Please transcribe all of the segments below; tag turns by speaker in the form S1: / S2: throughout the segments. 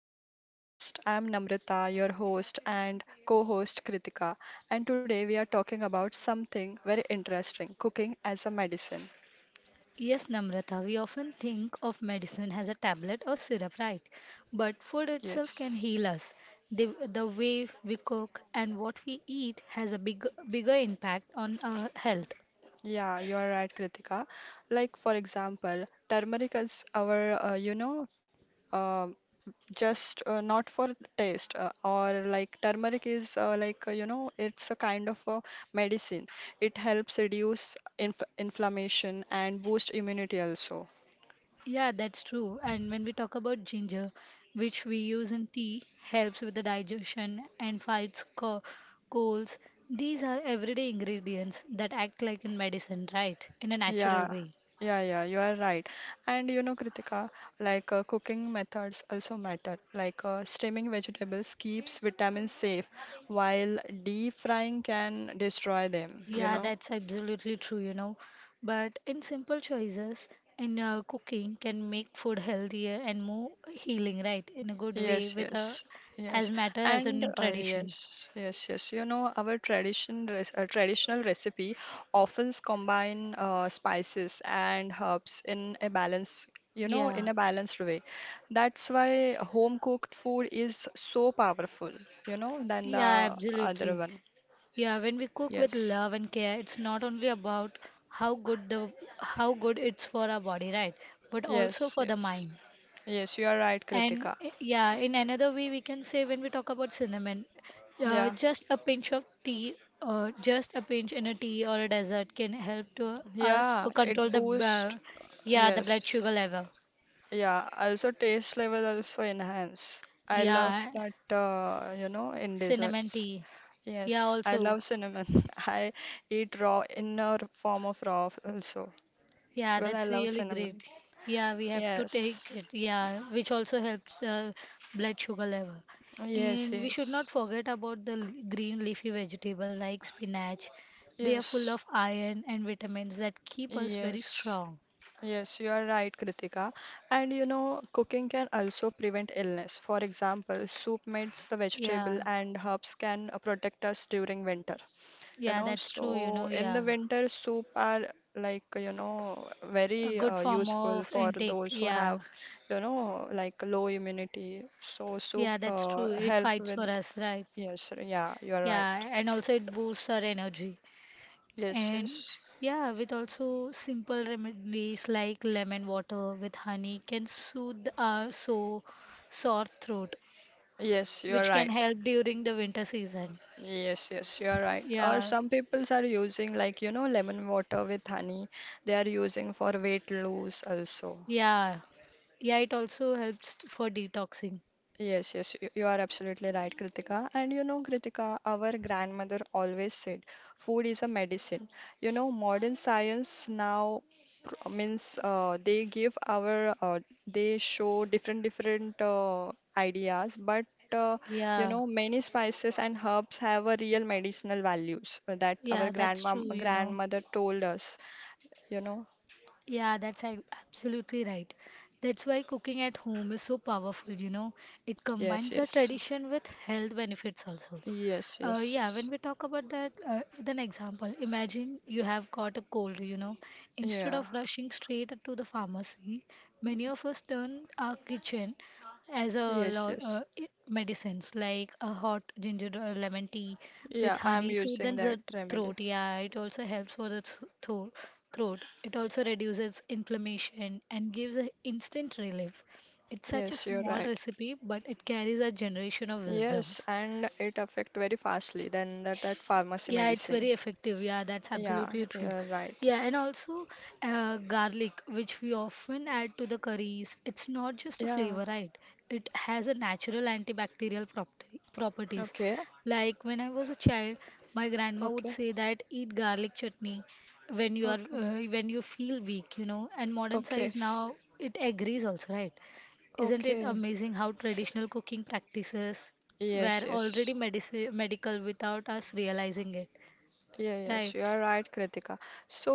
S1: our podcast. I'm Namrata, your host and co-host Kritika, and today we are talking about something very interesting, cooking as a medicine.
S2: Yes, Namrata, we often think of medicine as a tablet or syrup, right? But food itself can
S1: Yes.
S2: heal us. The way we cook and what we eat has a bigger impact on our health.
S1: Yeah, you are right, Kritika. Like for example, turmeric is our, you know, uh, just not for taste, or like turmeric is it's a kind of a medicine. It helps reduce inflammation and boost immunity also.
S2: Yeah, that's true. And when we talk about ginger, which we use in tea, helps with the digestion and fights colds. These are everyday ingredients that act like in medicine, right? In a natural
S1: Yeah,
S2: way.
S1: yeah, you are right. And you know, Kritika, cooking methods also matter. Steaming vegetables keeps vitamins safe, while deep frying can destroy them, you
S2: Yeah,
S1: know.
S2: that's absolutely true, you know. But in simple choices, in cooking can make food healthier and more healing, right? In a good way,
S1: Yes,
S2: with a
S1: yes,
S2: as
S1: yes,
S2: matter as
S1: and
S2: in
S1: uh,
S2: tradition.
S1: yes, yes, yes. You know, our traditional recipe often combine spices and herbs in
S2: Yeah,
S1: a balanced way. That's why home cooked food is so powerful, you know, than
S2: yeah,
S1: the other
S2: absolutely.
S1: one.
S2: Yeah, when we cook with
S1: Yes,
S2: love and care, it's not only about how good the how good it's for our body, right? But also
S1: yes,
S2: for the
S1: yes,
S2: mind.
S1: yes. You are right,
S2: And
S1: Kritika.
S2: yeah, in another way, we can say when we talk about cinnamon,
S1: Yeah,
S2: just a pinch of tea, or just a pinch in a tea or a dessert can help to us
S1: yeah.
S2: for control
S1: It
S2: the
S1: boosts.
S2: yeah the blood
S1: Yes,
S2: sugar level.
S1: yeah, also taste level also enhance. I love
S2: Yeah,
S1: that in
S2: cinnamon
S1: desserts.
S2: tea. Yeah,
S1: Yes, I
S2: also.
S1: love cinnamon. I eat raw in a form of raw also.
S2: Yeah,
S1: Well, I
S2: that's
S1: love
S2: really
S1: cinnamon.
S2: great. Yeah, we have to take it.
S1: Yes,
S2: Yeah, which also helps blood sugar level.
S1: yes,
S2: And we should not
S1: yes,
S2: forget about the green leafy vegetable like spinach. They are full
S1: yes,
S2: of iron and vitamins that keep us very
S1: yes,
S2: strong.
S1: yes, you are right, Kritika. And you know, cooking can also prevent illness. For example, soup made the vegetable
S2: Yeah,
S1: and herbs can protect us during winter. You
S2: yeah,
S1: know,
S2: that's true, you
S1: so
S2: know,
S1: in the
S2: yeah.
S1: winter, soup are like, you know,
S2: A
S1: very
S2: good
S1: uh,
S2: form
S1: useful
S2: of
S1: for
S2: intake.
S1: those who
S2: Yeah,
S1: have, you know, like low immunity. So soup
S2: yeah, that's
S1: uh,
S2: true. It
S1: help
S2: fights for
S1: with,
S2: us, right?
S1: yes, yeah, you're right.
S2: Yeah, and also it boosts our energy.
S1: Yes,
S2: And
S1: yes.
S2: yeah, with also simple remedies like lemon water with honey can soothe our sore throat,
S1: Yes, you're
S2: which can
S1: right.
S2: help during the winter season.
S1: Yes, yes, you're right. Or
S2: Yeah,
S1: some peoples are using like, you know, lemon water with honey. They are using for weight loss also.
S2: yeah, yeah, it also helps for detoxing.
S1: Yes, you are absolutely right, Kritika. And you know, Kritika, our grandmother always said, food is a medicine. You know, modern science now pr- means they give our, they show different ideas, but uh, you
S2: Yeah,
S1: know, many spices and herbs have a real medicinal values that our
S2: yeah, that's true, you know.
S1: grandmother told us, you know.
S2: Yeah, absolutely right. That's why cooking at home is so powerful, you know. It
S1: Yes,
S2: combines the
S1: yes.
S2: tradition with health benefits also.
S1: Yes, yes,
S2: Yeah,
S1: yes.
S2: when we talk about that, with an example, imagine you have caught a cold, you know. Instead
S1: Yeah.
S2: of rushing straight to the pharmacy, many of us turn our kitchen as a
S1: Yes,
S2: lot
S1: yes.
S2: medicines like a hot ginger or lemon tea with
S1: Yeah, I'm
S2: honey
S1: using
S2: soothes
S1: that
S2: the
S1: remedy.
S2: throat. Yeah, it also helps for the throat. Throat. It also reduces inflammation and gives a instant relief. It's such a
S1: Yes, you're
S2: small
S1: right.
S2: recipe, but it carries a generation of
S1: Yes,
S2: wisdoms.
S1: and it affect very fastly than that pharmacy
S2: Yeah, it's very
S1: medicine.
S2: effective. Yeah, that's
S1: Yeah,
S2: absolutely true.
S1: you're right.
S2: Yeah, and also garlic, which we often add to the curries, it's not just a
S1: Yeah.
S2: flavor, right? It has a natural antibacterial properties.
S1: Okay.
S2: Like when I was a child, my grandma would
S1: Okay.
S2: say that eat garlic chutney when you are
S1: Okay.
S2: when you feel weak, you know. And modern
S1: Okay.
S2: science now it agrees also, right? Isn't it
S1: Okay.
S2: amazing how traditional cooking practices
S1: Yes,
S2: were already
S1: yes.
S2: medici medical without us realizing it,
S1: Yeah, yes,
S2: right?
S1: you are right, Kritika. So,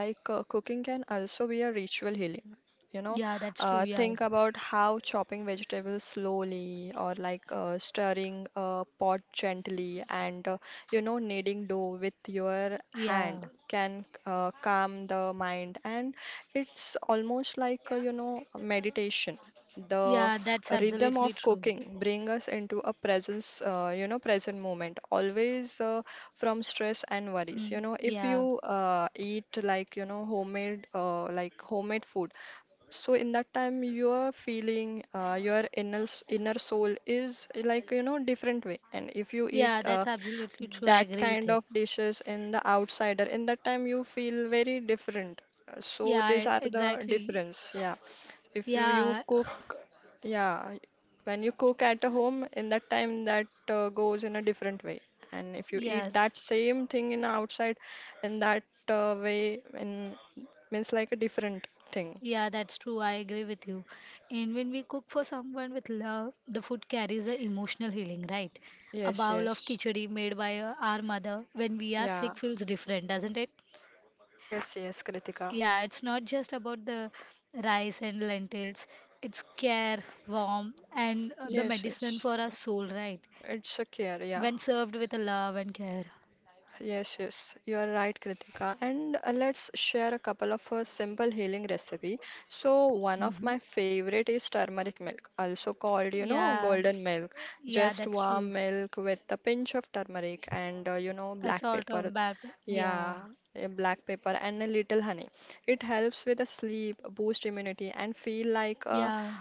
S1: cooking can also be a ritual healing. You know,
S2: Yeah, that's true. Yeah,
S1: think about how chopping vegetables slowly or stirring a pot gently and, kneading dough with your
S2: yeah,
S1: hand can calm the mind. And it's almost like, meditation, the
S2: yeah, that's
S1: rhythm
S2: absolutely
S1: of
S2: true.
S1: cooking bring us into a presence you know present moment always, from stress and worries. You
S2: Mm,
S1: know, if
S2: yeah,
S1: you eat like, you know, homemade like homemade food, so in that time your feeling your inner soul is like, you know, different way. And if you eat
S2: yeah, that's absolutely true. I
S1: that
S2: agree with
S1: kind
S2: it.
S1: of dishes in the outsider, in that time you feel very different. So
S2: Yeah,
S1: these
S2: I,
S1: are the
S2: exactly.
S1: difference. Yeah. If you, you
S2: Yeah,
S1: cook, yeah, when you cook at a home, in that time that goes in a different way. And if you eat that
S2: yes.
S1: same thing in outside, in that way, in means like a different thing.
S2: Yeah, that's true. I agree with you. And when we cook for someone with love, the food carries a emotional healing, right? A
S1: Yes,
S2: bowl of
S1: yes.
S2: khichdi made by our mother when we are
S1: Yeah.
S2: sick feels different, doesn't it?
S1: Yes, yes, Kritika.
S2: Yeah, it's not just about the rice and lentils. It's care, warmth, and the
S1: Yes,
S2: medicine
S1: yes.
S2: for our soul, right?
S1: It's a care, yeah.
S2: When served with a love and care.
S1: Yes, yes, you are right, Kritika. And let's share a couple of simple healing recipe. So one of
S2: Hmm.
S1: my favorite is turmeric milk, also called, you know,
S2: Yeah,
S1: golden milk.
S2: yeah,
S1: Just
S2: that's true.
S1: warm milk with a pinch of turmeric and,
S2: A
S1: black
S2: sort
S1: pepper.
S2: of bad. Yeah,
S1: Yeah, yeah, black pepper and a little honey. It helps with the sleep, boost immunity, and feel like a,
S2: yeah,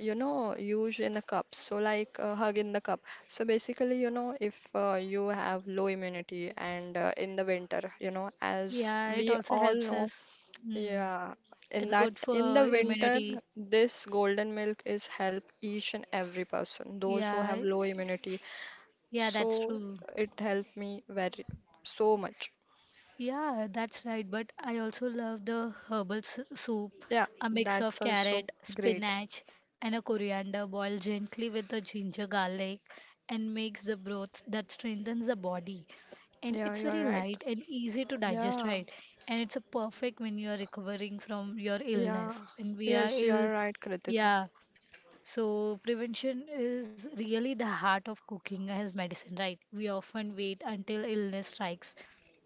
S1: you know, use in a cup. So, like a hug in the cup. So, basically, you know, if you have low immunity and in the winter, you know, as
S2: yeah. It
S1: we
S2: also
S1: all
S2: helps
S1: know,
S2: us. Mm.
S1: yeah,
S2: It's good
S1: in the
S2: for
S1: winter,
S2: immunity.
S1: this golden milk is help each and every person, those who
S2: Yeah,
S1: have low immunity.
S2: yeah, that's
S1: So,
S2: true.
S1: it helped me very so much.
S2: Yeah, that's right. But I also love the herbal soup,
S1: Yeah,
S2: a mix
S1: that's
S2: of
S1: also
S2: carrot,
S1: great.
S2: spinach, and a coriander boiled gently with the ginger garlic and makes the broth that strengthens the body. And
S1: Yeah,
S2: it's
S1: you are
S2: very
S1: right.
S2: light and easy to digest,
S1: Yeah,
S2: right? And it's a perfect when you are recovering from your
S1: yeah.
S2: illness. When we are
S1: Yes, you
S2: ill,
S1: are right, Kritika.
S2: yeah, so, prevention is really the heart of cooking as medicine, right? We often wait until illness strikes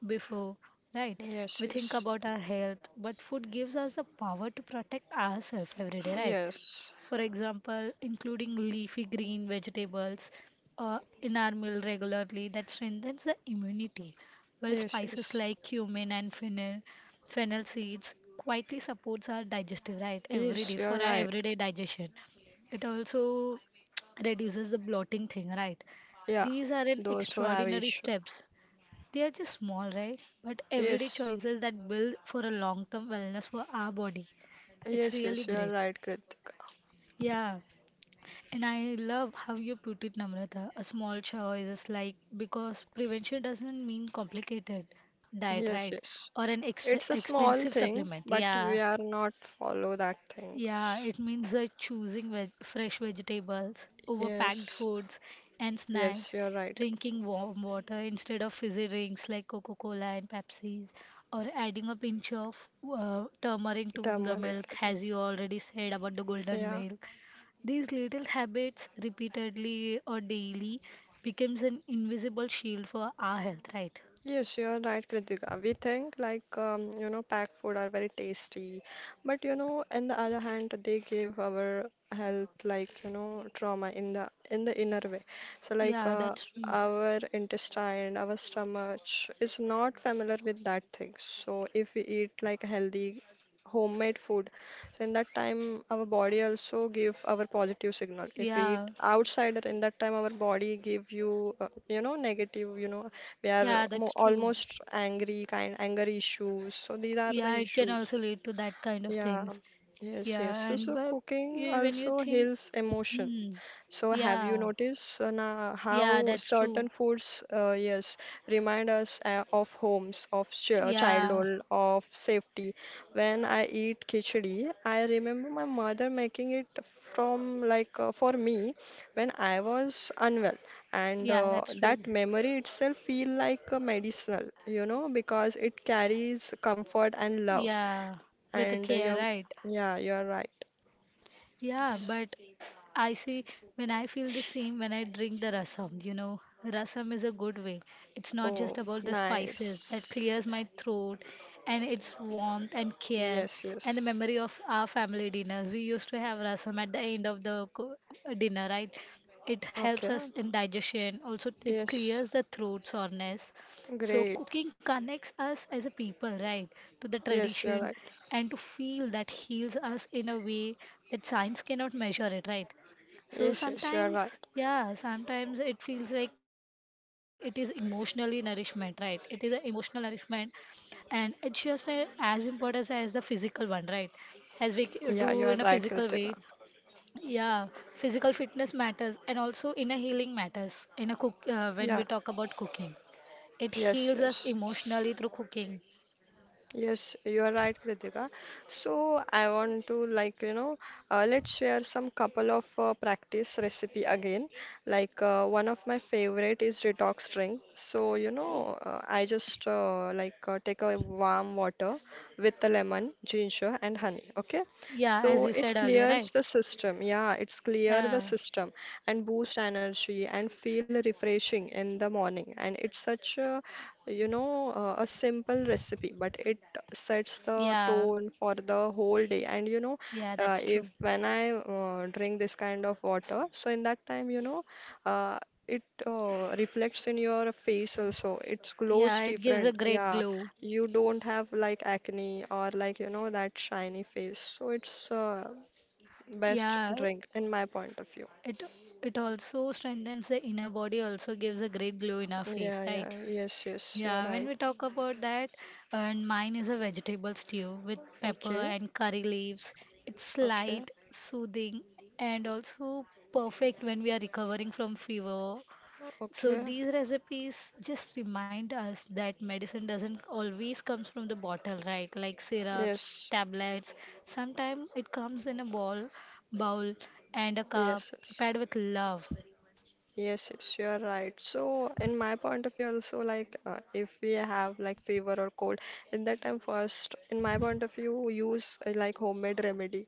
S2: before, right?
S1: Yes,
S2: We think
S1: yes,
S2: about our health, but food gives us the power to protect ourselves every day, right?
S1: yes,
S2: For example, including leafy green vegetables in our meal regularly that strengthens the immunity, while
S1: yes,
S2: spices
S1: yes,
S2: like cumin and fennel, fennel seeds quietly supports our digestive right every
S1: yes,
S2: day for
S1: you're
S2: our
S1: right.
S2: everyday digestion. It also reduces the bloating thing, right?
S1: Yeah,
S2: These are an
S1: those who have
S2: extraordinary
S1: issue.
S2: steps. They are just small, right? But everyday
S1: Yes,
S2: choices that build for a long term wellness for our body. It's
S1: yes,
S2: really
S1: yes, you're
S2: great.
S1: right, Kritika.
S2: Yeah. And I love how you put it, Namrata. A small choice is like because prevention doesn't mean complicated diet,
S1: Yes,
S2: right?
S1: yes.
S2: Or an ex
S1: It's a small
S2: expensive
S1: thing,
S2: supplement.
S1: but
S2: Yeah.
S1: we are not follow that
S2: Yeah,
S1: things.
S2: it means choosing veg fresh vegetables over packed
S1: Yes,
S2: foods and
S1: yes,
S2: snacks,
S1: you're right.
S2: drinking warm water instead of fizzy drinks like Coca-Cola and Pepsi, or adding a pinch of turmeric to the
S1: Turmeric,
S2: milk,
S1: yeah.
S2: as you already said about the golden
S1: Yeah.
S2: milk. These little habits, repeatedly or daily, becomes an invisible shield for our health, right?
S1: Yes, you're right, Kritika. We think like you know, packed food are very tasty, but you know, on the other hand, they give our health like, you know, trauma in the inner way. So
S2: Yeah, that's true.
S1: our intestine, our stomach is not familiar with that thing. So if we eat like healthy homemade food, so in that time our body also give our positive signal. If we
S2: Yeah,
S1: eat outside, in that time our body give you you know negative, you know, we are
S2: yeah,
S1: mo
S2: that's true.
S1: almost angry, kind anger issues. So these are the
S2: Yeah, it can
S1: issues.
S2: also lead to that kind of
S1: Yeah.
S2: things.
S1: Yes, yes.
S2: Yeah,
S1: So,
S2: and
S1: so
S2: but
S1: cooking
S2: you, when you
S1: also
S2: think,
S1: heals emotion.
S2: hmm,
S1: So have you
S2: yeah,
S1: noticed now
S2: yeah,
S1: how
S2: that's
S1: certain
S2: true.
S1: foods, yes, remind us of homes, of ch
S2: Yeah,
S1: childhood, of safety. When I eat khichdi, I remember my mother making it from for me when I was unwell, and
S2: yeah, that's true.
S1: that memory itself feel like medicinal, you know, because it carries comfort and love.
S2: Yeah, with the
S1: And
S2: care, right?
S1: yeah, you're right.
S2: Yeah,
S1: S-
S2: but I see when I feel the same when I drink the rasam, you know, rasam is a good way. It's not just
S1: Oh,
S2: about the spices that
S1: nice.
S2: clears my throat and its warmth and care
S1: Yes,
S2: and the
S1: yes.
S2: memory of our family dinners. We used to have rasam at the end of the dinner, right? It helps
S1: Okay.
S2: us in digestion. Also, it
S1: Yes.
S2: clears the throat soreness so
S1: Great.
S2: cooking connects us as a people, right, to the
S1: Yes, you are
S2: tradition
S1: right.
S2: and to feel that heals us in a way that science cannot measure it, right? So
S1: Yes, yes, you are right.
S2: sometimes, yeah, sometimes it feels like it is emotionally nourishment, right? It is an emotional nourishment, and it's just as important as the physical one, right? As we
S1: Yeah, you are
S2: do
S1: right,
S2: in a physical
S1: Kritika.
S2: way, yeah, physical fitness matters, and also inner healing matters in a cook
S1: Yeah.
S2: when we talk about cooking. It
S1: Yes,
S2: heals us
S1: yes.
S2: emotionally through cooking.
S1: Yes, you are right, Kritika. So I want to, like, you know, let's share some couple of practice recipe again. One of my favorite is detox drink. So you know, I just like take a warm water with the lemon, ginger, and honey. Okay,
S2: Yeah, as
S1: so
S2: you
S1: it
S2: said earlier, right?
S1: clears the system. Yeah, it's clear the
S2: Yeah,
S1: system and boost energy and feel refreshing in the morning. And it's such a, you know, a simple recipe, but it sets the
S2: yeah,
S1: tone for the whole day. And you know,
S2: yeah, that's true.
S1: if when I drink this kind of water, so in that time, you know, uh, it reflects in your face also. It's glows
S2: Yeah, it gives a
S1: different.
S2: great
S1: Yeah,
S2: glow.
S1: you don't have like acne or like, you know, that shiny face. So it's best
S2: Yeah,
S1: drink in my point of view.
S2: it it also strengthens the inner body, also gives a great glow in our face,
S1: Yeah, yeah,
S2: right?
S1: yes, yes, you're
S2: Yeah, when we
S1: right.
S2: talk about that, and mine is a vegetable stew with pepper
S1: Okay,
S2: and curry leaves. It's
S1: okay,
S2: light, soothing, and also perfect when we are recovering from fever. So
S1: okay.
S2: these recipes just remind us that medicine doesn't always comes from the bottle, right? Like syrups,
S1: Yes,
S2: tablets. Sometimes it comes in a bowl and a cup
S1: Yes, yes,
S2: prepared with love.
S1: yes, you are right. So, in my point of view, also, if we have like fever or cold, in that time, first, in my point of view, use like homemade remedy.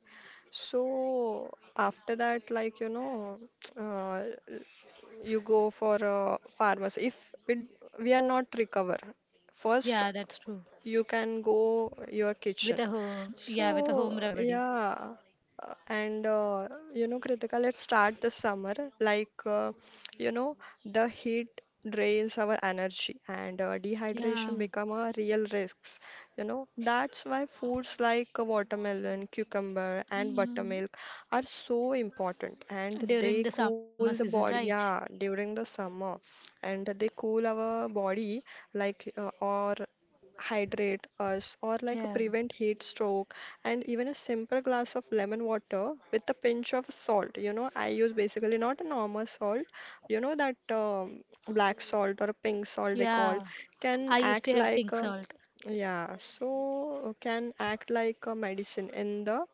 S1: So, after that, like you know, uh, you go for a pharmacy. If it, we are not recover, first
S2: Yeah, that's true.
S1: you can go your
S2: With
S1: kitchen.
S2: a home, yeah, with a home
S1: So,
S2: remedy.
S1: yeah. And you know, Kritika, let's start the summer. Like, you know, the heat drains our energy and
S2: Yeah.
S1: dehydration become a real risks. You know, that's why foods like watermelon, cucumber, and
S2: Mm.
S1: buttermilk are so important. And
S2: During
S1: they
S2: the summer
S1: cool the
S2: season,
S1: body,
S2: right?
S1: yeah, during the summer. And they cool our body, like, or hydrate us or like
S2: Yeah.
S1: prevent heat stroke, and even a simple glass of lemon water with a pinch of salt. You know, I use basically not a normal salt, you know, that black salt or a pink salt they call
S2: Yeah.
S1: can
S2: I used
S1: act
S2: to have
S1: like
S2: pink
S1: a,
S2: salt.
S1: yeah, so can act like a medicine in the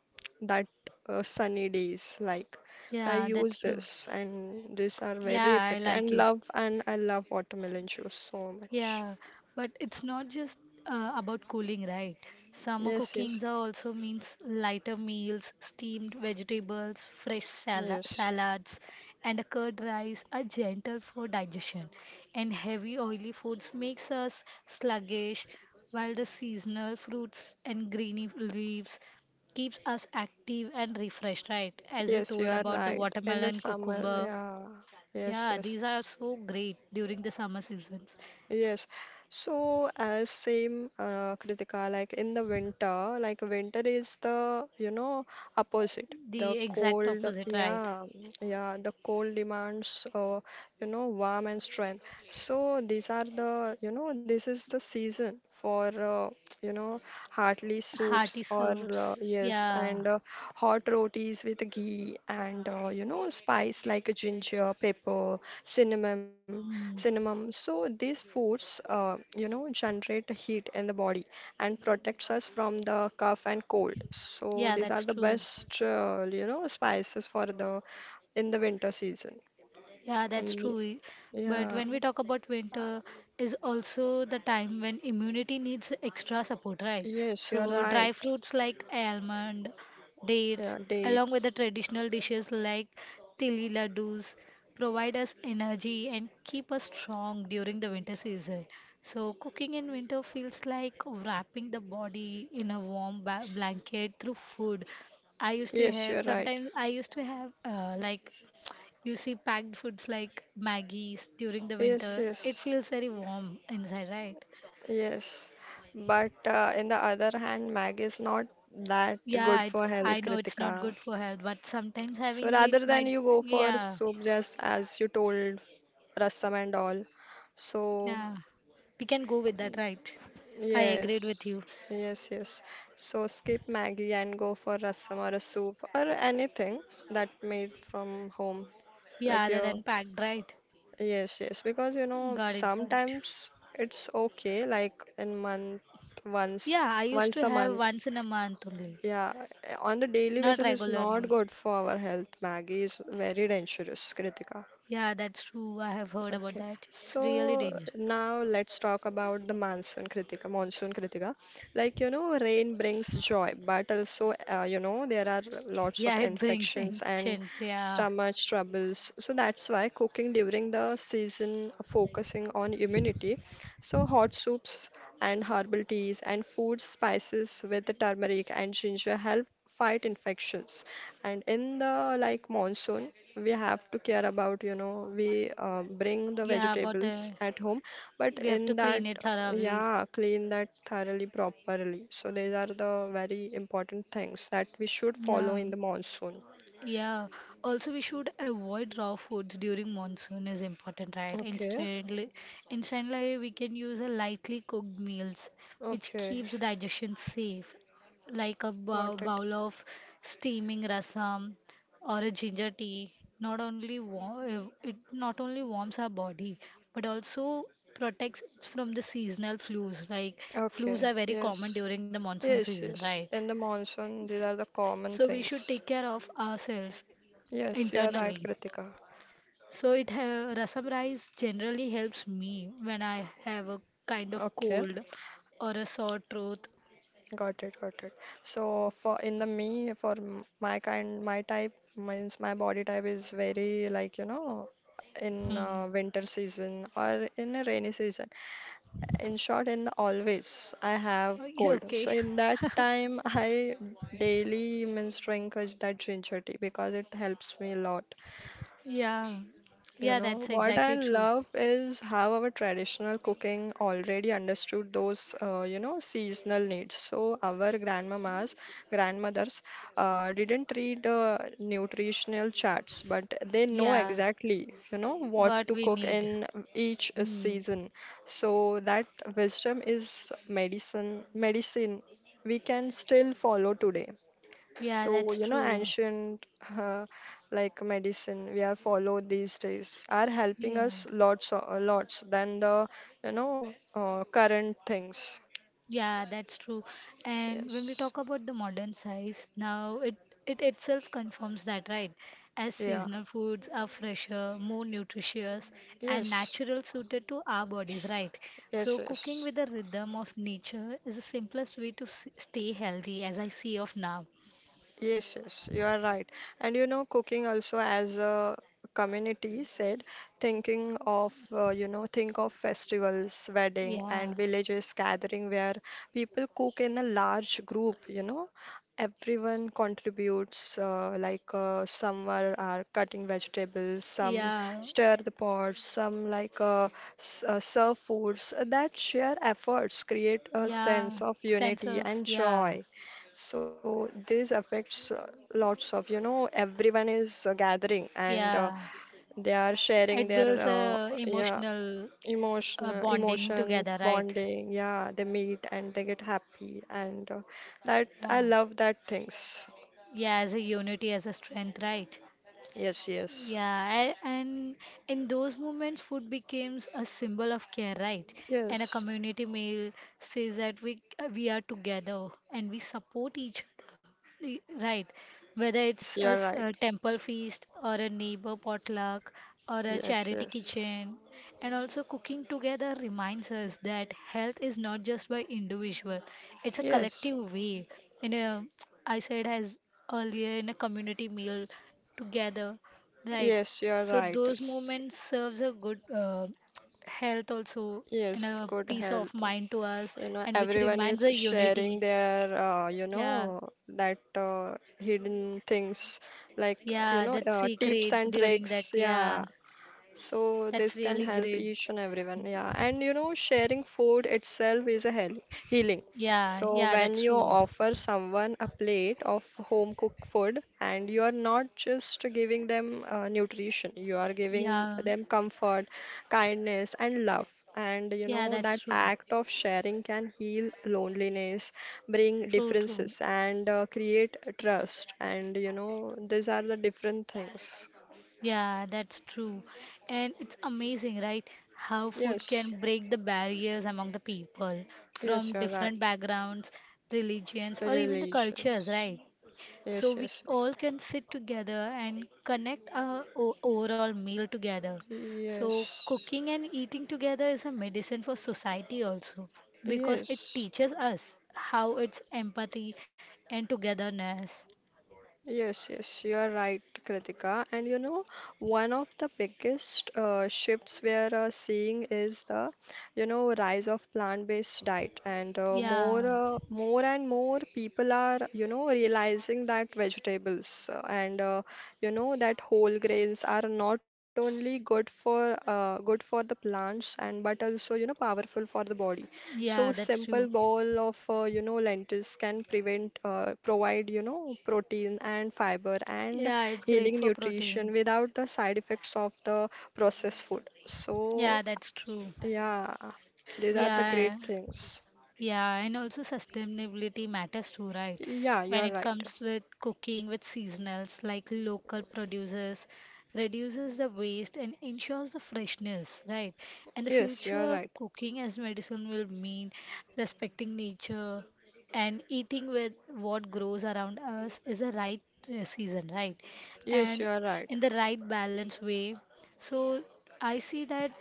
S1: that sunny days like. So I
S2: Yeah, that's
S1: use
S2: true.
S1: this, and these are
S2: Yeah,
S1: very
S2: I
S1: effective,
S2: like
S1: and
S2: it.
S1: love, and I love watermelon juice so much.
S2: Yeah, but it's not just about cooling, right? Summer
S1: Yes, yes,
S2: cookings are also means lighter meals, steamed vegetables, fresh
S1: yes.
S2: salads, and a curd rice are gentle for digestion. And heavy oily foods makes us sluggish, while the seasonal fruits and greeny leaves keeps us active and refreshed, right? As you
S1: Yes, you
S2: told
S1: are
S2: about the
S1: right. In the
S2: watermelon,
S1: summer,
S2: cucumber.
S1: yeah. Yes,
S2: Yeah,
S1: yes.
S2: these are so great during the summer seasons.
S1: Yes. So as same Kritika, like in the winter, like winter is the, you know, opposite. The
S2: The exact
S1: cold,
S2: opposite, right?
S1: yeah, yeah, the cold demands, you know, warm and strength. So these are the, you know, this is the season for, you know, hearty
S2: Hearty
S1: soups or,
S2: soups.
S1: yes,
S2: Yeah.
S1: and hot rotis with ghee and, you know, spice like ginger, pepper,
S2: Mm.
S1: cinnamon. So these foods, you know, generate heat in the body and protects us from the cough and cold. So
S2: Yeah,
S1: these are
S2: that's
S1: the
S2: true.
S1: best, you know, spices for the in the winter season.
S2: Yeah, that's
S1: And y-
S2: true. But
S1: yeah,
S2: when we talk about
S1: uh,
S2: winter, is also the time when immunity needs extra support, right?
S1: yes, you're
S2: So
S1: right.
S2: dry fruits like almond, dates,
S1: Yeah,
S2: along with the
S1: dates.
S2: traditional dishes like tili laddus, provide us energy and keep us strong during the winter season. So cooking in winter feels like wrapping the body in a warm blanket through food. I used to
S1: Yes, you're
S2: have
S1: right.
S2: sometimes I used to have like you see packed foods like Maggie's during the
S1: Yes,
S2: winter, it
S1: yes,
S2: feels very warm inside, right?
S1: yes. But in the other hand, Maggi is not that
S2: Yeah,
S1: good
S2: it's
S1: for
S2: I
S1: health,
S2: know it's not
S1: Kritika.
S2: good for health, but sometimes
S1: So
S2: having it
S1: rather than
S2: might
S1: you go for
S2: yeah,
S1: soup, just as you told, rasam and all. So,
S2: yeah. We can go with that, right? I
S1: yes,
S2: agreed with you.
S1: yes. So, skip Maggie and go for rasam or a soup or anything that made from home.
S2: Yeah,
S1: Like
S2: other
S1: your,
S2: than packed, right?
S1: yes, yes. Because, you know,
S2: Got it, got it.
S1: sometimes it's okay, like in month, once,
S2: Yeah, I used
S1: once
S2: to
S1: a
S2: have
S1: month.
S2: once in a month only,
S1: Yeah, on the daily
S2: not
S1: basis, it's not
S2: regularly.
S1: good for our health. Maggie is very dangerous, Kritika.
S2: Yeah, that's true. I have heard about
S1: Okay,
S2: that. It's really
S1: so
S2: dangerous.
S1: now let's talk about the monsoon, Kritika. Monsoon, Kritika. Like, you know, rain brings joy, but also, you know, there are lots of
S2: Yeah, it brings
S1: infections and
S2: infections. Yeah.
S1: stomach troubles. So that's why cooking during the season, focusing on immunity. So hot soups and herbal teas and food spices with the turmeric and ginger help fight infections. And in the like monsoon, we have to care about you know we bring the
S2: Yeah, about
S1: vegetables
S2: the.
S1: at home but
S2: We have to
S1: in that
S2: clean it thoroughly.
S1: yeah clean that thoroughly properly so these are the very important things that we should follow
S2: Yeah,
S1: in the monsoon.
S2: yeah. Also, we should avoid raw foods during monsoon is important, right?
S1: Okay.
S2: Instantly, instantly we can use a lightly cooked meals, which
S1: Okay,
S2: keeps digestion safe, like a
S1: got it.
S2: bowl of steaming rasam or a ginger tea. Not only warm, it not only warms our body, but also protects us from the seasonal flus. Like
S1: Okay.
S2: flus are very common
S1: Yes.
S2: during the monsoon
S1: Yes,
S2: season,
S1: yes,
S2: right?
S1: in the monsoon these are the common
S2: So we should
S1: things.
S2: take care of ourselves
S1: Yes, you are right,
S2: internally.
S1: Kritika.
S2: So it rasam rice generally helps me when I have a kind of
S1: Okay.
S2: cold or a sore throat.
S1: Got it, got it. So for in the me for my kind my type means my body type is very like you know in
S2: Hmm.
S1: winter season or in a rainy season. In short, in the always I have
S2: Okay.
S1: cold.
S2: Okay.
S1: So in that time I daily means drink is that ginger tea because it helps me a lot.
S2: Yeah.
S1: You
S2: Yeah,
S1: know,
S2: that's
S1: what I
S2: exactly true.
S1: love is how our traditional cooking already understood those, you know, seasonal needs. So our grandmamas, grandmothers, didn't read nutritional charts, but they know
S2: Yeah.
S1: exactly, you know, what
S2: What
S1: to
S2: we
S1: cook
S2: need.
S1: in each
S2: Hmm.
S1: season. So that wisdom is medicine, medicine we can still follow today.
S2: Yeah,
S1: So,
S2: that's
S1: you know,
S2: true.
S1: ancient uh, like medicine we are followed these days are helping
S2: Yeah.
S1: us lots than the you know current things.
S2: Yeah, that's true. And when we
S1: Yes.
S2: talk about the modern size, now it itself confirms that, right? As
S1: Yeah.
S2: seasonal foods are fresher, more nutritious, and
S1: Yes.
S2: natural suited to our bodies, right?
S1: Yes.
S2: So cooking
S1: Yes.
S2: with the rhythm of nature is the simplest way to stay healthy, as I see of now.
S1: Yes, yes, you are right. And you know, cooking also as a community said, thinking of, you know, think of festivals, wedding, and
S2: Yeah,
S1: villages gathering where people cook in a large group, you know. Everyone contributes, like some are cutting vegetables, some
S2: yeah,
S1: stir the pots, some like s serve foods. That share efforts create a sense
S2: yeah.
S1: of
S2: Sense
S1: unity
S2: of
S1: and
S2: yeah,
S1: joy. So this affects lots of, you know, everyone is gathering and
S2: yeah.
S1: they are sharing
S2: It
S1: their
S2: builds a
S1: yeah
S2: emotional
S1: emotion
S2: bonding
S1: emotion
S2: together, right?
S1: bonding. Yeah, they meet and they get happy and that
S2: Yeah.
S1: I love that things.
S2: Yeah, as a unity, as a strength, right?
S1: Yes, yes.
S2: Yeah, and in those moments, food becomes a symbol of care, right? And a
S1: Yes.
S2: community meal says that we are together and we support each other, right? Whether it's
S1: Yes, you're right.
S2: a temple feast or a neighbor potluck or a
S1: Yes,
S2: charity
S1: yes.
S2: kitchen, and also cooking together reminds us that health is not just by individual; it's a
S1: Yes.
S2: collective way. In a, I said as earlier in a community meal together. Right.
S1: Yes, you're
S2: So
S1: right.
S2: those
S1: S-
S2: moments serves a good health also and
S1: Yes,
S2: a
S1: good
S2: peace of
S1: health.
S2: mind to us
S1: You know,
S2: and which
S1: everyone
S2: reminds
S1: is
S2: a
S1: sharing
S2: unity.
S1: their, you
S2: Yeah.
S1: know, that hidden things like, you
S2: Yeah,
S1: know,
S2: that
S1: tips
S2: secrets
S1: and
S2: during that.
S1: tricks.
S2: Yeah.
S1: Yeah, so
S2: That's
S1: this can
S2: really
S1: help
S2: great.
S1: each and everyone. Yeah. And you know, sharing food itself is a healing.
S2: Yeah,
S1: So
S2: yeah,
S1: when
S2: that's
S1: you
S2: true.
S1: offer someone a plate of home cooked food and you are not just giving them nutrition, you are giving
S2: Yeah.
S1: them comfort, kindness, and love. And you
S2: Yeah,
S1: know,
S2: that's
S1: that
S2: true.
S1: act of sharing can heal loneliness, bring
S2: True, true.
S1: differences, and create trust. And you know, these are the different things.
S2: Yeah, that's true. And it's amazing, right? How food
S1: Yes.
S2: can break the barriers among the people
S1: Yes,
S2: from
S1: you're right.
S2: different backgrounds, religions, or even the cultures,
S1: Relations.
S2: right? So
S1: Yes,
S2: we
S1: yes, yes.
S2: all can sit together and connect our overall meal together. So
S1: Yes,
S2: cooking and eating together is a medicine for society also because it
S1: yes,
S2: teaches us how it's empathy and togetherness.
S1: yes, yes. You are right, Kritika. And you know, one of the biggest shifts we are seeing is the, you know, rise of plant-based diet. And
S2: Yeah,
S1: more and more people are, you know, realizing that vegetables you know, that whole grains are not only good for, good for the plants and but also, you know, powerful for the body. So
S2: yeah, that's
S1: simple
S2: true.
S1: bowl of you know lentils can prevent provide you know protein and fiber and
S2: Yeah, it's great
S1: healing
S2: for
S1: nutrition
S2: protein.
S1: without the side effects of the processed food. So
S2: Yeah, that's true.
S1: yeah, these are the great
S2: Yeah,
S1: things.
S2: yeah, and also sustainability matters too, right?
S1: Yeah, you
S2: When
S1: are
S2: it
S1: right.
S2: comes with cooking with seasonals like local producers, reduces the waste and ensures the freshness, right? And the
S1: Yes, you are
S2: future
S1: right.
S2: cooking as medicine will mean respecting nature and eating with what grows around us is the right season, right?
S1: Yes,
S2: And
S1: you are right.
S2: in the right balance way. So I see that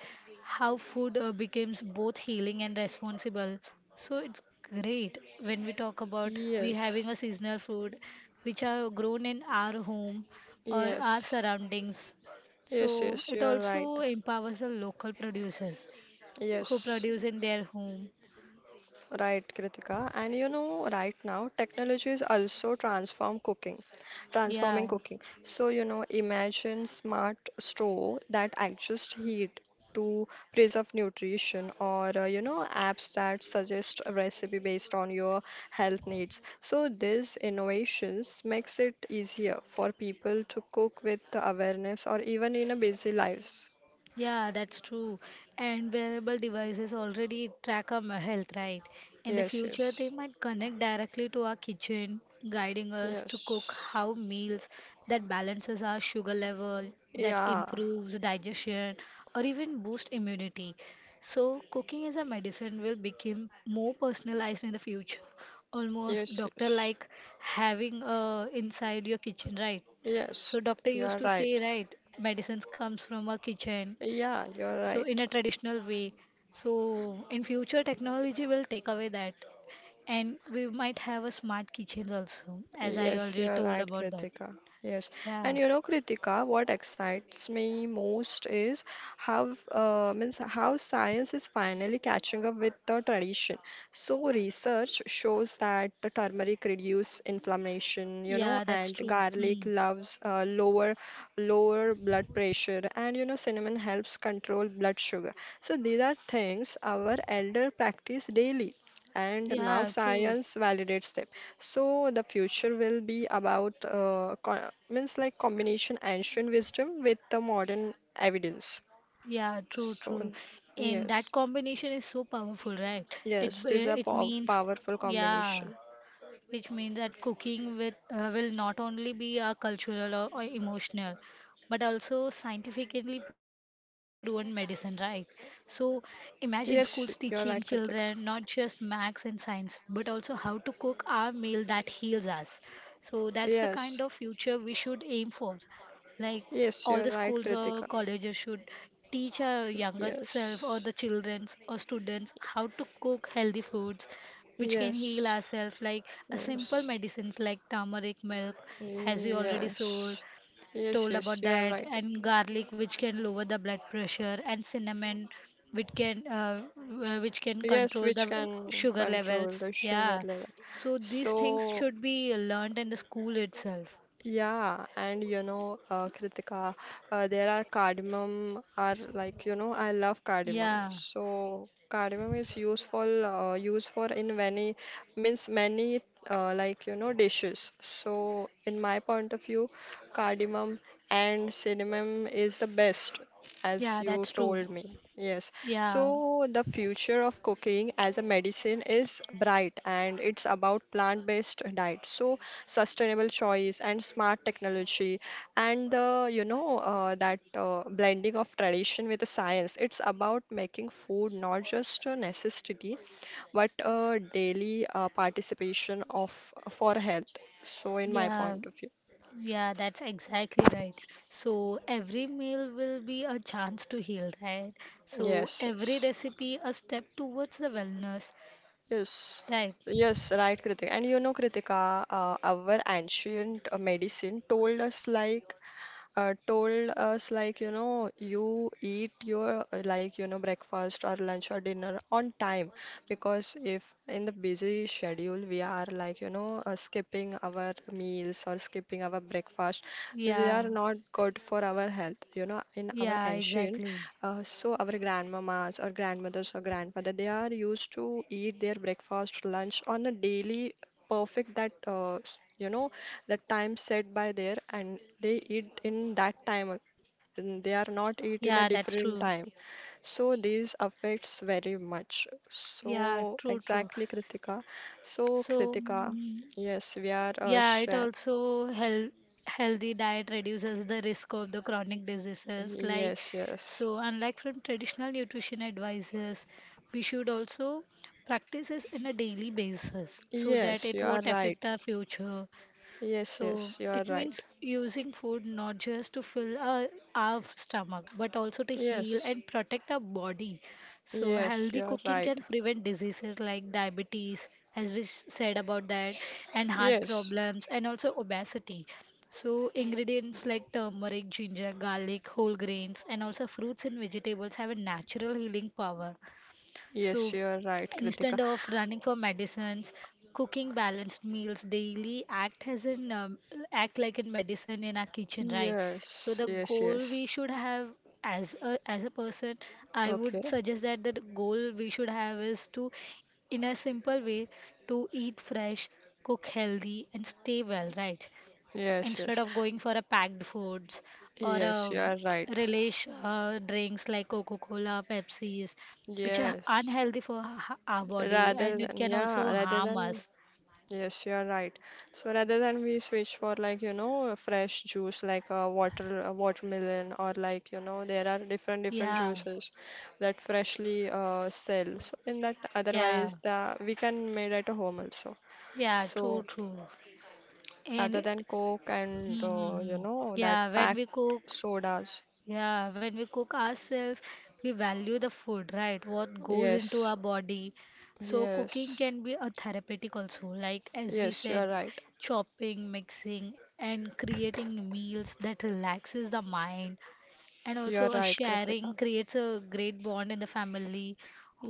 S2: how food becomes both healing and responsible. So it's great when we talk about we having
S1: Yes,
S2: a seasonal food which are grown in our home or our
S1: yes,
S2: surroundings. So
S1: yes, yes,
S2: it
S1: you are right.
S2: also empowers the local producers who
S1: Yes,
S2: produce in their home.
S1: right, Kritika. And you know, right now, technology is also transforming
S2: Yeah.
S1: cooking. So, you know, imagine smart stove that adjust heat to preserve nutrition or, you know, apps that suggest a recipe based on your health needs. So, these innovations makes it easier for people to cook with awareness or even in a busy lives.
S2: Yeah, that's true. And wearable devices already track our health, right? In the
S1: Yes,
S2: future, they
S1: yes,
S2: might connect directly to our kitchen, guiding us to cook
S1: yes.
S2: how meals that balances our sugar level, that
S1: Yeah,
S2: improves digestion, or even boost immunity. So, cooking as a medicine will become more personalized in the future, almost
S1: yes,
S2: doctor
S1: yes.
S2: like having inside your kitchen, right? So
S1: Yes,
S2: doctor used
S1: you're
S2: to say,
S1: right.
S2: right, medicines comes from a kitchen,
S1: Yeah, you're
S2: so in a
S1: right.
S2: traditional way. So in future technology will take away that, and we might have a smart kitchen also, as I
S1: Yes,
S2: already
S1: you're
S2: told
S1: right,
S2: about that.
S1: Kritika. Yes. And
S2: Yeah.
S1: you know, Kritika, what excites me most is how means how science is finally catching up with the tradition. So research shows that the turmeric reduce inflammation, you know,
S2: Yeah, that's
S1: and
S2: true.
S1: garlic
S2: Hmm.
S1: loves lower blood pressure, and you know, cinnamon helps control blood sugar. So these are things our elder practice daily and now
S2: Yeah, true.
S1: science validates them. So the future will be about means like combination ancient wisdom with the modern evidence.
S2: Yeah, true,
S1: So
S2: true. And that
S1: yes,
S2: combination is so powerful, right?
S1: yes, this is a
S2: It means.
S1: powerful
S2: Yeah,
S1: combination.
S2: which means that cooking with, will not only be a cultural or emotional but also scientifically proven medicine, right? So imagine
S1: Yes,
S2: schools
S1: you are right,
S2: teaching
S1: Kritika.
S2: children not just maths and science but also how to cook our meal that heals us. So that's the kind
S1: Yes,
S2: of future we should aim for, like
S1: yes, you
S2: all the
S1: are right,
S2: schools or
S1: Kritika.
S2: colleges should teach our younger self or
S1: Yes,
S2: the childrens or students how to cook healthy foods which can heal
S1: yes,
S2: ourselves, like a simple
S1: yes,
S2: medicines like turmeric milk has you already sold
S1: yes, yes,
S2: told
S1: yes,
S2: about
S1: you are
S2: that,
S1: right.
S2: and garlic which can lower the blood pressure, and cinnamon which can which can
S1: Yes,
S2: control
S1: which
S2: the
S1: can
S2: sugar
S1: control
S2: levels.
S1: the sugar
S2: Yeah.
S1: level.
S2: So these things
S1: So
S2: should be learned in the school itself.
S1: yeah, and you know, Kritika, there are cardamom are like you know, I love cardamom.
S2: Yeah.
S1: So cardamom is useful used for in many like you know dishes. So in my point of view, cardamom and cinnamon is the best as
S2: Yeah,
S1: you
S2: that's true.
S1: told me. Yes. So
S2: Yeah,
S1: the future of cooking as a medicine is bright and it's about plant-based diet. So sustainable choice and smart technology and you know that blending of tradition with the science it's about making food not just a necessity but a daily participation of for health so in my
S2: yeah,
S1: point of view.
S2: yeah, that's exactly right. So every meal will be a chance to heal, right? So
S1: Yes,
S2: every
S1: yes,
S2: recipe a step towards the wellness,
S1: yes,
S2: right?
S1: yes, right, Kritika. And you know, Kritika, our ancient medicine told us like you know you eat your like you know breakfast or lunch or dinner on time because if in the busy schedule we are like you know skipping our meals or skipping our breakfast they are
S2: Yeah,
S1: not good for our health you know in our
S2: yeah,
S1: ancient
S2: exactly.
S1: so our grandmamas or grandmothers or grandfather they are used to eat their breakfast lunch on a daily perfect that you know the time set by there and they eat in that time and they are not eat in a
S2: Yeah, that's
S1: different
S2: true.
S1: time so these affects very much
S2: Yeah,
S1: so
S2: true, true.
S1: exactly Kritika so
S2: So,
S1: Kritika yes we are
S2: yeah, it
S1: share
S2: also hel healthy diet reduces the risk of the chronic diseases. Like,
S1: yes yes
S2: so unlike from traditional nutrition advisors, we should also practice this in a daily basis so that
S1: yes
S2: it
S1: you are
S2: won't affect
S1: right
S2: our future.
S1: yes
S2: So
S1: yes you are
S2: it
S1: right
S2: means using food not just to fill our stomach, but also to heal
S1: yes
S2: and protect our body. So
S1: yes
S2: healthy
S1: you are
S2: cooking
S1: right
S2: can prevent diseases like diabetes, as we said about that, and heart
S1: yes
S2: problems, and also obesity. So ingredients like turmeric, ginger, garlic, whole grains, and also fruits and vegetables have a natural healing power. So
S1: yes you are right
S2: instead
S1: Kritika
S2: of running for medicines, cooking balanced meals daily act as an act like a medicine in our kitchen, right? So
S1: yes
S2: the
S1: yes yes
S2: goal we should have as a person, I would
S1: okay.
S2: suggest that the goal we should have is to, in a simple way, to eat fresh, cook healthy, and stay well, right?
S1: Yes,
S2: Instead
S1: yes,
S2: of going for a packed foods or
S1: yes, you are right.
S2: relish drinks like Coca-Cola Pepsis which are
S1: Yes,
S2: unhealthy for our body
S1: rather
S2: and it
S1: than,
S2: can
S1: yeah,
S2: also
S1: rather
S2: harm
S1: than,
S2: us.
S1: yes, you are right. So rather than we switch for like, you know, a fresh juice like a water, a watermelon or like, you know, there are different different
S2: Yeah,
S1: juices that freshly sell. So in that,
S2: yeah,
S1: otherwise the we can made at home also.
S2: yeah, true,
S1: So
S2: true. And
S1: rather than Coke and
S2: mm-hmm.
S1: you know that
S2: yeah when
S1: packed
S2: we cook
S1: sodas.
S2: Yeah, when we cook ourselves, we value the food, right? What goes into
S1: Yes,
S2: our body. So cooking
S1: yes,
S2: can be a therapeutic also, like as we
S1: yes, you
S2: said,
S1: are right.
S2: chopping, mixing, and creating meals that relaxes the mind. And
S1: You're
S2: also a
S1: right,
S2: sharing
S1: Kritika.
S2: creates a great bond in the family.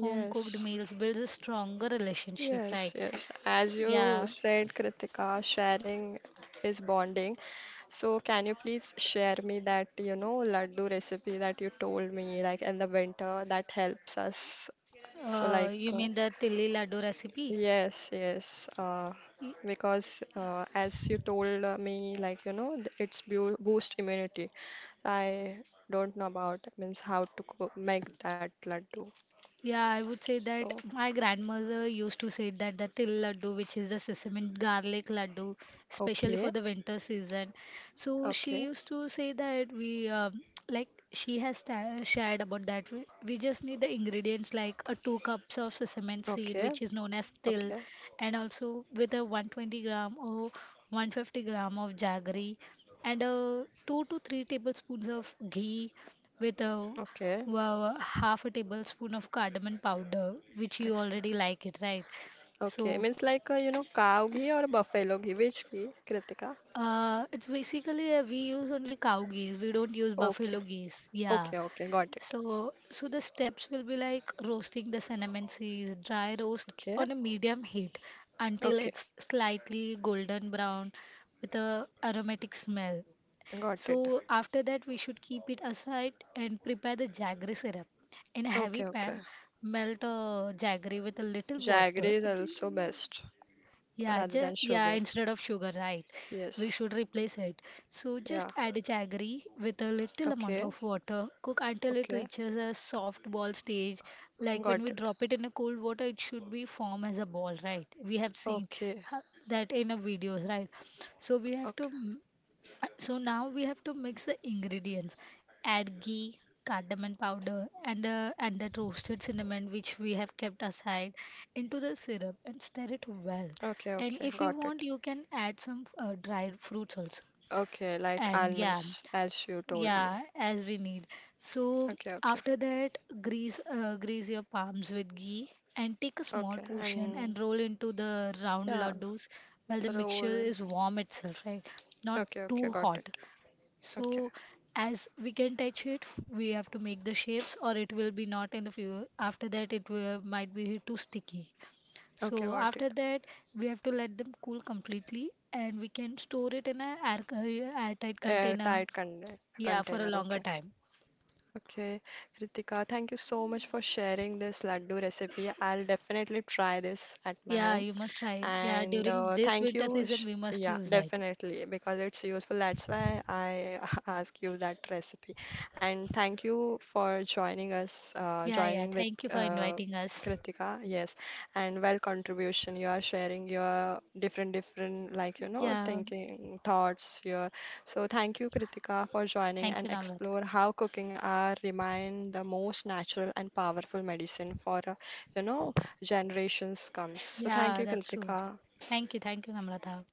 S2: Home cooked meals builds a stronger relationship,
S1: yes,
S2: right?
S1: yes. As you
S2: Yeah.
S1: said, Kritika, sharing is bonding. So, can you please share me that, you know, laddu recipe that you told me, like in the winter, that helps us. So, like,
S2: You mean the tilli laddu recipe?
S1: yes, yes. Because as you told me, like, you know, it's bu boost immunity. I don't know about means how to make that laddu.
S2: Yeah, I would say that
S1: So,
S2: my grandmother used to say that the til laddu, which is the sesame and garlic laddu, especially
S1: okay.
S2: for the winter season. So she
S1: Okay,
S2: used to say that we like she has shared about that. We just need the ingredients like a 2 cups of sesame seed,
S1: okay,
S2: which is known as til,
S1: okay,
S2: and also with a 120 gram or 150 gram of jaggery, and 2 to 3 tablespoons of ghee with a
S1: okay,
S2: half a tablespoon of cardamom powder, which you
S1: okay,
S2: already like it, right?
S1: okay.
S2: So,
S1: Means like you know cow ghee or buffalo ghee, which ghee, Kritika?
S2: it's basically we use only cow geese. We don't use
S1: Okay,
S2: buffalo geese. Yeah.
S1: okay, okay, got it.
S2: so, the steps will be like roasting the cinnamon seeds, dry roast
S1: Okay,
S2: on a medium heat until
S1: okay,
S2: it's slightly golden brown with a aromatic smell.
S1: got it.
S2: So after that, we should keep it aside and prepare the jaggery syrup. In a heavy
S1: Okay, okay.
S2: pan, melt jaggery with a little
S1: Jaggery
S2: water.
S1: is also best
S2: Yeah,
S1: rather than
S2: yeah,
S1: sugar.
S2: instead of sugar, right? We
S1: Yes,
S2: should replace it. So
S1: yeah.
S2: just add jaggery with a little amount
S1: Okay,
S2: of water. Cook until it
S1: okay,
S2: reaches a soft ball stage. Like when
S1: got
S2: we
S1: it.
S2: drop it in a cold water, it should be form as a ball, right? We have seen
S1: Okay,
S2: ha- that in a videos, right? So we have
S1: okay,
S2: to so Now we have to mix the ingredients. Add ghee, cardamom powder, and that roasted cinnamon which we have kept aside into the syrup and stir it well.
S1: okay,
S2: And
S1: okay,
S2: if you
S1: got it.
S2: want, you can add some dried fruits also.
S1: Okay, like
S2: And yeah,
S1: almonds, as you told me.
S2: yeah, as we need. So
S1: Okay, okay,
S2: after that, grease your palms with ghee and take a small
S1: okay,
S2: portion
S1: and
S2: and roll into the round
S1: yeah,
S2: laddus while the mixture
S1: roll.
S2: is warm itself, right? Not
S1: Okay, okay,
S2: too
S1: got
S2: hot.
S1: it. Okay,
S2: So as we can touch it, we have to make the shapes or it will be not in the view. After that, it might be too sticky.
S1: okay,
S2: So
S1: got it.
S2: after that, we have to let them cool completely and we can store it in a airtight container.
S1: Airtight
S2: Yeah, for a
S1: container.
S2: longer
S1: Okay,
S2: time.
S1: okay. Kritika, thank you so much for sharing this laddu recipe. I'll definitely try this at my
S2: Yeah,
S1: home.
S2: you must try. Yeah,
S1: And
S2: during this
S1: thank you.
S2: winter season,
S1: Sh
S2: we must
S1: yeah,
S2: use that.
S1: definitely, because it's useful. That's why I ask you that recipe. And thank you for joining us,
S2: Yeah, yeah.
S1: joining with
S2: Thank you for inviting us.
S1: Kritika. Yes, and well contribution. You are sharing your like you know,
S2: Yeah,
S1: thinking, thoughts. Here. So thank you, Kritika, for joining
S2: thank
S1: and
S2: you, Namrata.
S1: explore how cooking are remain the most natural and powerful medicine for a, you know generations comes. So thank
S2: Yeah,
S1: you,
S2: that's true.
S1: Kritika,
S2: Thank you, Namrata.